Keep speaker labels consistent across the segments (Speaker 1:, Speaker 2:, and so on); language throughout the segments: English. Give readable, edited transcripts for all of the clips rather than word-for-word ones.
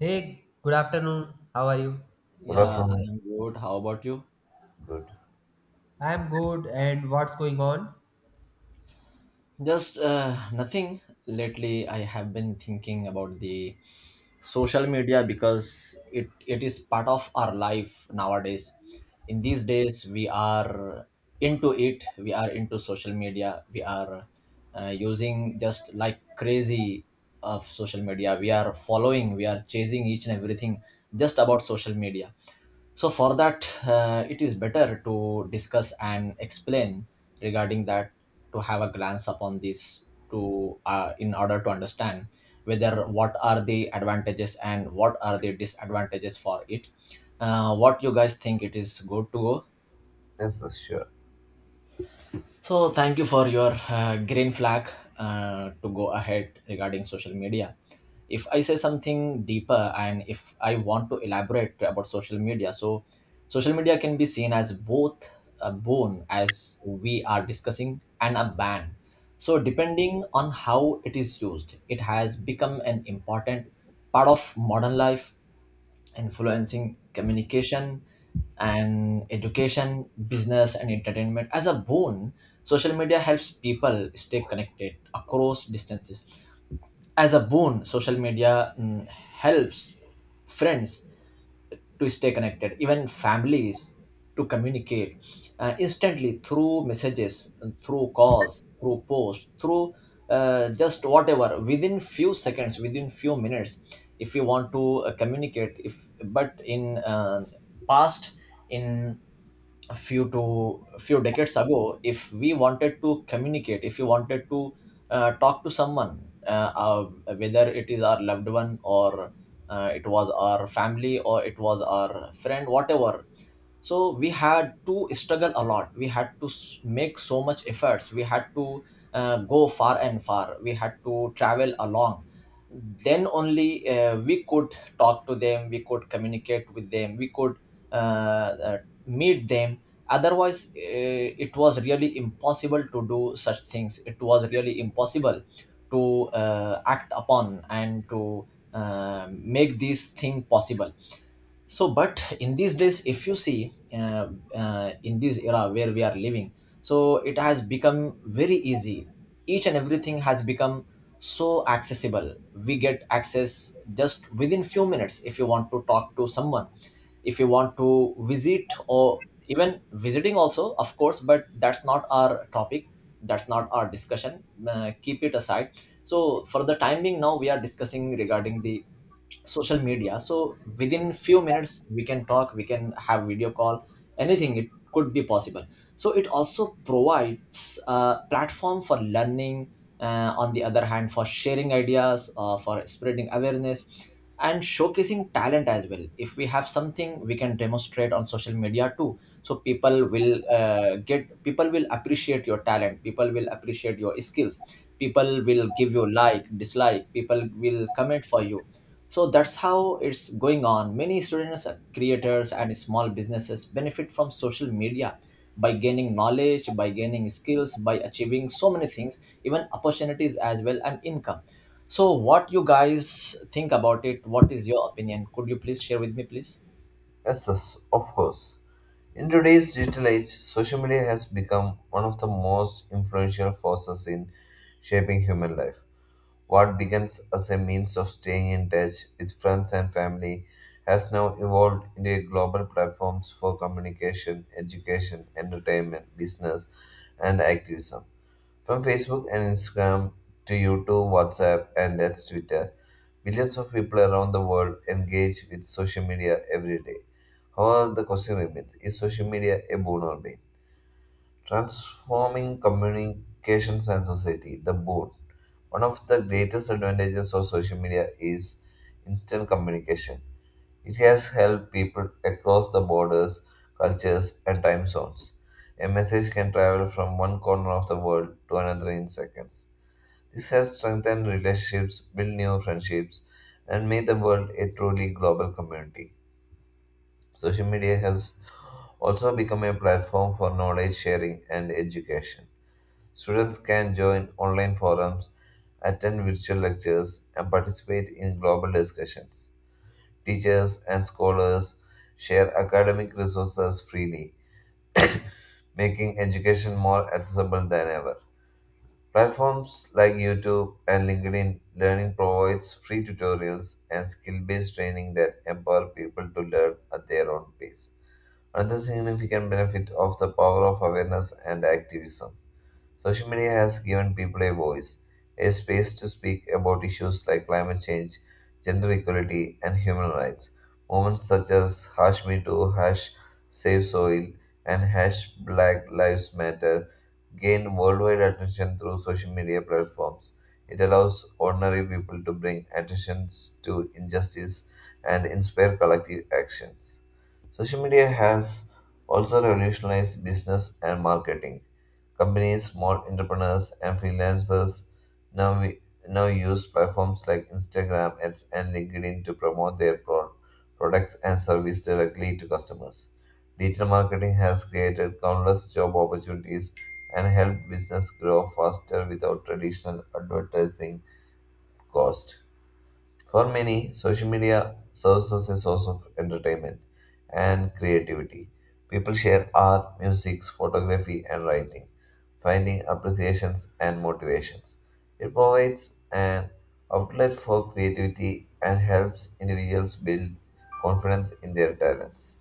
Speaker 1: Hey, good afternoon. How are you?
Speaker 2: Good
Speaker 3: Yeah,
Speaker 2: afternoon.
Speaker 3: I'm good. How about you?
Speaker 2: Good.
Speaker 1: I'm good, and what's going on?
Speaker 3: Just nothing. Lately, I have been thinking about the social media because it is part of our life nowadays. In these days, we are into it. We are into social media. We are using just like crazy of social media. We are following. We are chasing each and everything just about social media, so for that, it is better to discuss and explain regarding that, to have a glance upon this, to in order to understand whether what are the advantages and what are the disadvantages for it, what you guys think it is good to go.
Speaker 2: Yes, yes, sure.
Speaker 3: So thank you for your green flag, to go ahead regarding social media. If I say something deeper and if I want to elaborate about social media, so social media can be seen as both a boon, as we are discussing, and a ban. So depending on how it is used, it has become an important part of modern life, influencing communication and education, business, and entertainment. As a boon, social media helps people stay connected across distances. As a boon, social media, helps friends to stay connected, even families to communicate instantly through messages, through calls, through posts, through just whatever, within few seconds, within few minutes. If you want to communicate, if but in past, in a few to a few decades ago, if we wanted to communicate, if you wanted to talk to someone, whether it is our loved one, or it was our family, or it was our friend, whatever, so we had to struggle a lot, we had to make so much efforts, we had to go far and far, we had to travel along, then only we could talk to them, we could communicate with them, we could uh, uh, meet them, otherwise it was really impossible to do such things, it was really impossible to act upon and to make this thing possible. So but in these days, if you see in this era where we are living, so it has become very easy, each and everything has become so accessible, we get access just within few minutes. If you want to talk to someone, if you want to visit, or even visiting also, of course, but that's not our topic, that's not our discussion. Keep it aside. So for the time being, now we are discussing regarding the social media, so within few minutes we can talk, we can have video call, anything it could be possible. So it also provides a platform for learning, on the other hand, for sharing ideas, for spreading awareness, and showcasing talent as well. If we have something, we can demonstrate on social media too, so people will get people will appreciate your talent, people will appreciate your skills, people will give you like, dislike, people will comment for you. So that's how it's going on. Many students, creators, and small businesses benefit from social media by gaining knowledge, by gaining skills, by achieving so many things, even opportunities as well, and income. So what you guys think about it, what is your opinion, could you please share with me, please?
Speaker 2: Yes, yes, of course. In today's digital age, social media has become one of the most influential forces in shaping human life. What begins as a means of staying in touch with friends and family has now evolved into a global platforms for communication, education, entertainment, business, and activism. From Facebook and Instagram to YouTube, WhatsApp, and that's Twitter, billions of people around the world engage with social media every day. However, the question remains is social media a boon or bane? Transforming communications and society, the boon. One of the greatest advantages of social media is instant communication. It has helped people across the borders, cultures, and time zones. A message can travel from one corner of the world to another in seconds. This has strengthened relationships, built new friendships, and made the world a truly global community. Social media has also become a platform for knowledge sharing and education. Students can join online forums, attend virtual lectures, and participate in global discussions. Teachers and scholars share academic resources freely, making education more accessible than ever. Platforms like YouTube and LinkedIn Learning provides free tutorials and skill-based training that empower people to learn at their own pace. Another significant benefit of the power of awareness and activism. Social media has given people a voice, a space to speak about issues like climate change, gender equality, and human rights. Moments such as hash me too, hash save soil, and hash black lives matter gain worldwide attention through social media platforms. It allows ordinary people to bring attention to injustice and inspire collective actions. Social media has also revolutionized business and marketing companies, small entrepreneurs, and freelancers now, we, now use platforms like Instagram, ads, and LinkedIn to promote their products and service directly to customers. Digital marketing has created countless job opportunities and helped business grow faster without traditional advertising cost. For many, social media serves as a source of entertainment and creativity. People share art, music, photography, and writing, finding appreciations and motivations. It provides an outlet for creativity and helps individuals build confidence in their talents.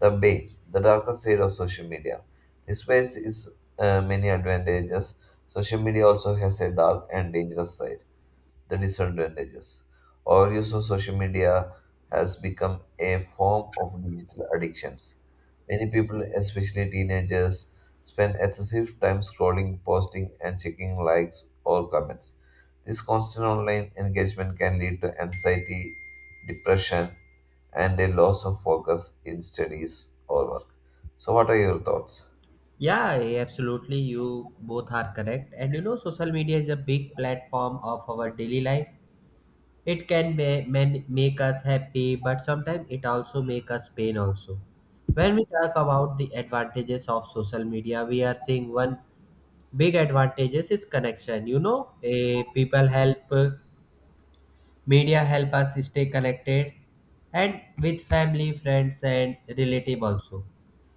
Speaker 2: The bane, the darker side of social media. Despite its many advantages, social media also has a dark and dangerous side the disadvantages. Overuse of social media has become a form of digital addictions. Many people, especially teenagers, spend excessive time scrolling, posting, and checking likes or comments. This constant online engagement can lead to anxiety, depression, and a loss of focus in studies or work. So, what are your thoughts?
Speaker 1: Yeah, hey, absolutely. You both are correct. And you know, social media is a big platform of our daily life. It can make us happy, but sometimes it also make us pain also. When we talk about the advantages of social media, we are seeing one big advantages is connection. You know, people help media help us stay connected and with family, friends, and relative also.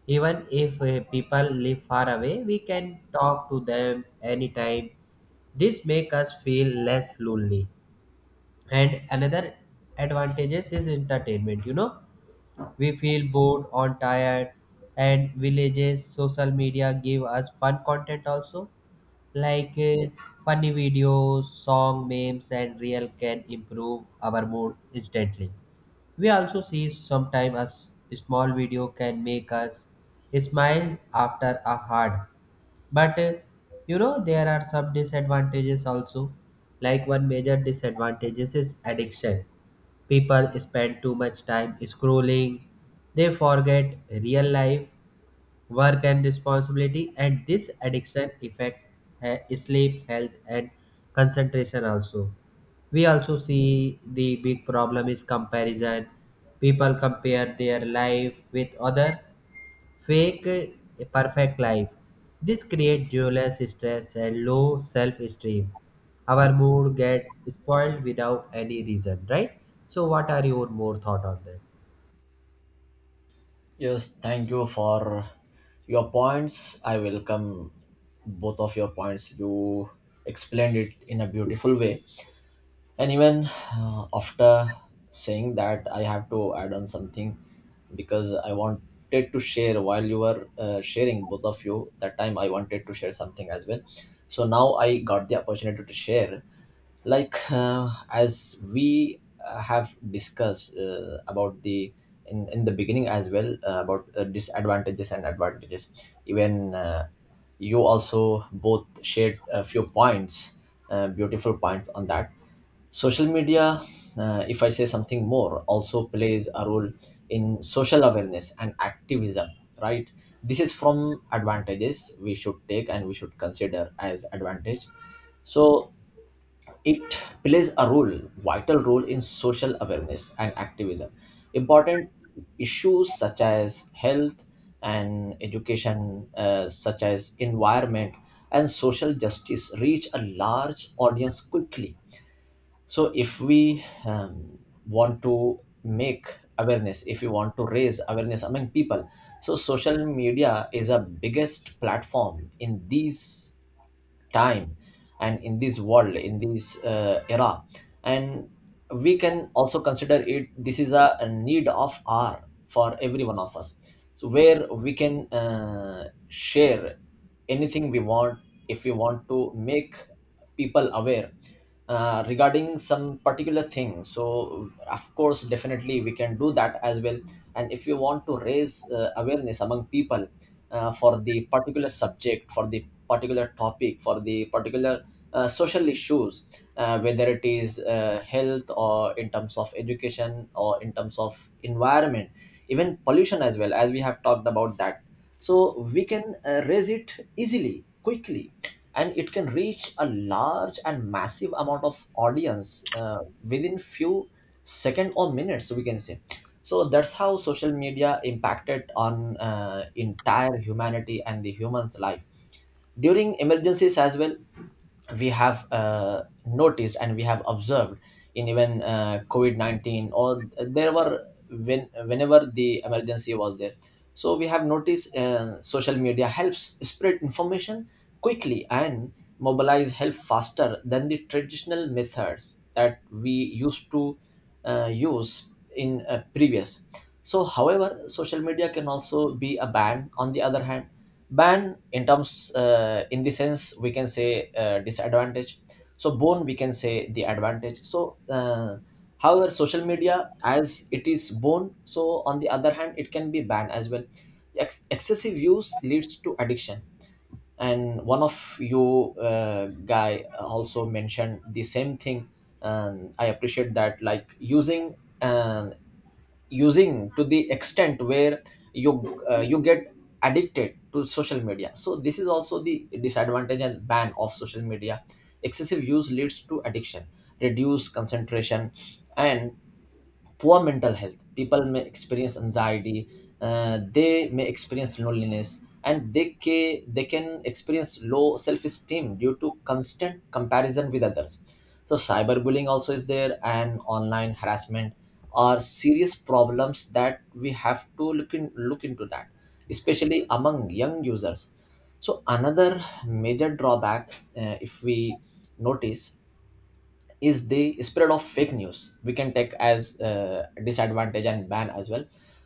Speaker 1: Even if people live far away, we can talk to them anytime. This make us feel less lonely. And another advantages is entertainment. You know, we feel bored or tired, and villages social media give us fun content also like funny videos, song memes, and real can improve our mood instantly. We also see sometimes a small video can make us smile after a hard. But You know there are some disadvantages also. Like one major disadvantage is addiction. People spend too much time scrolling. They forget real life work and responsibility, and this addiction affect sleep health and concentration also. We also see the big problem is comparison. People compare their life with other fake perfect life. This creates jealous stress and low self-esteem. Our mood get spoiled without any reason, right? So what are your more thought on that?
Speaker 3: Yes, thank you for your points. I welcome both of your points. You explained it in a beautiful way. And even after saying that, I have to add on something, because I wanted to share while you were sharing, both of you, that time I wanted to share something as well. So now I got the opportunity to share, like as we have discussed about the in the beginning as well, about disadvantages and advantages. Even you also both shared a few points, beautiful points on that. Social media, if I say something more, also plays a role in social awareness and activism, right? This is from advantages we should take, and we should consider as advantage. So it plays a role, vital role, in social awareness and activism. Important issues such as health and education, such as environment and social justice, reach a large audience quickly. So, if we want to make awareness, if we want to raise awareness among people, so social media is a biggest platform in these time, and in this world, in this era. And we can also consider it, this is a need of our for every one of us, so where we can share anything we want. If we want to make people aware regarding some particular thing, so of course definitely we can do that as well. And if you want to raise awareness among people, for the particular subject, for the particular topic, for the particular social issues, whether it is health, or in terms of education, or in terms of environment, even pollution as well, as we have talked about that. So we can raise it easily, quickly, and it can reach a large and massive amount of audience within few second or minutes, we can say. So that's how social media impacted on entire humanity and the human's life. During emergencies as well, we have noticed, and we have observed in even covid-19, or there were, when whenever the emergency was there, so we have noticed social media helps spread information quickly and mobilize help faster than the traditional methods that we used to use in previous. So, however, social media can also be a ban. On the other hand, ban in terms, in the sense we can say disadvantage. So, bone we can say the advantage. However, social media, as it is born, so on the other hand it can be banned as well. Excessive use leads to addiction, and one of you guy also mentioned the same thing, and I appreciate that, like using, and using to the extent where you you get addicted to social media. So this is also the disadvantage and ban of social media. Excessive use leads to addiction, reduce concentration, and poor mental health. People may experience anxiety, they may experience loneliness, and they can experience low self esteem due to constant comparison with others. So, cyberbullying also is there, and online harassment are serious problems that we have to look into that, especially among young users. So, another major drawback, if we notice, is the spread of fake news, we can take as disadvantage and ban as well.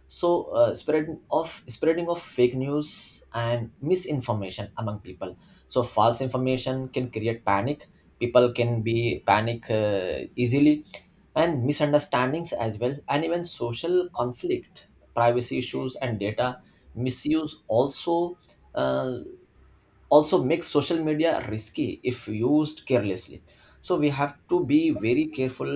Speaker 3: So spreading of fake news and misinformation among people. So false information can create panic, people can be panic easily, and misunderstandings as well, and even social conflict. Privacy issues and data misuse also uh, also makes social media risky if used carelessly. So we have to be very careful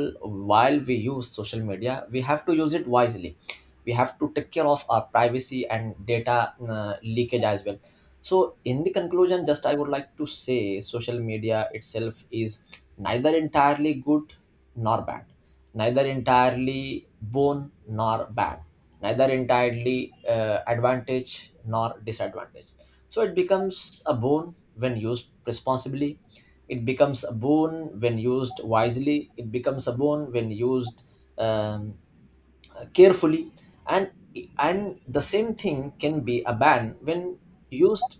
Speaker 3: while we use social media, we have to use it wisely, we have to take care of our privacy and data leakage as well. So in the conclusion, just I would like to say, social media itself is neither entirely good nor bad, neither entirely boon nor bad, neither entirely advantage nor disadvantage. So it becomes a boon when used responsibly. It becomes a boon when used wisely. It becomes a boon when used um, carefully, and and the same thing can be a ban when used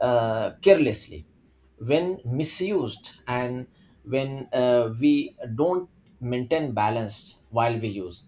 Speaker 3: carelessly, when misused, and when we don't maintain balance while we use.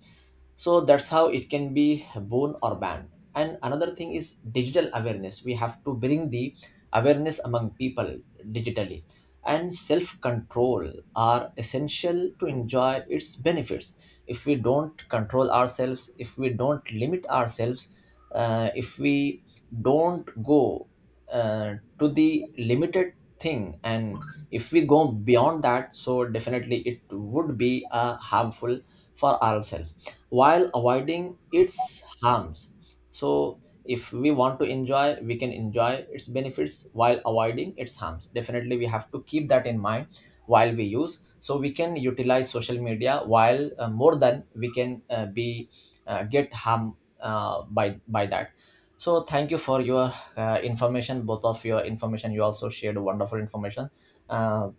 Speaker 3: So that's how it can be born or banned. And another thing is digital awareness, we have to bring the awareness among people digitally, and self control are essential to enjoy its benefits. If we don't control ourselves, if we don't limit ourselves, if we don't go to the limited thing, and if we go beyond that, so definitely it would be harmful for ourselves, while avoiding its harms. So, if we want to enjoy, we can enjoy its benefits while avoiding its harms, definitely we have to keep that in mind while we use, so we can utilize social media while more than we can be get harm by that. So thank you for your information, both of your information, you also shared wonderful information. uh,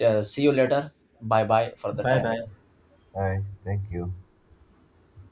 Speaker 3: See you later, bye bye for the
Speaker 1: Bye
Speaker 3: time.
Speaker 1: bye.
Speaker 2: Hi, thank you.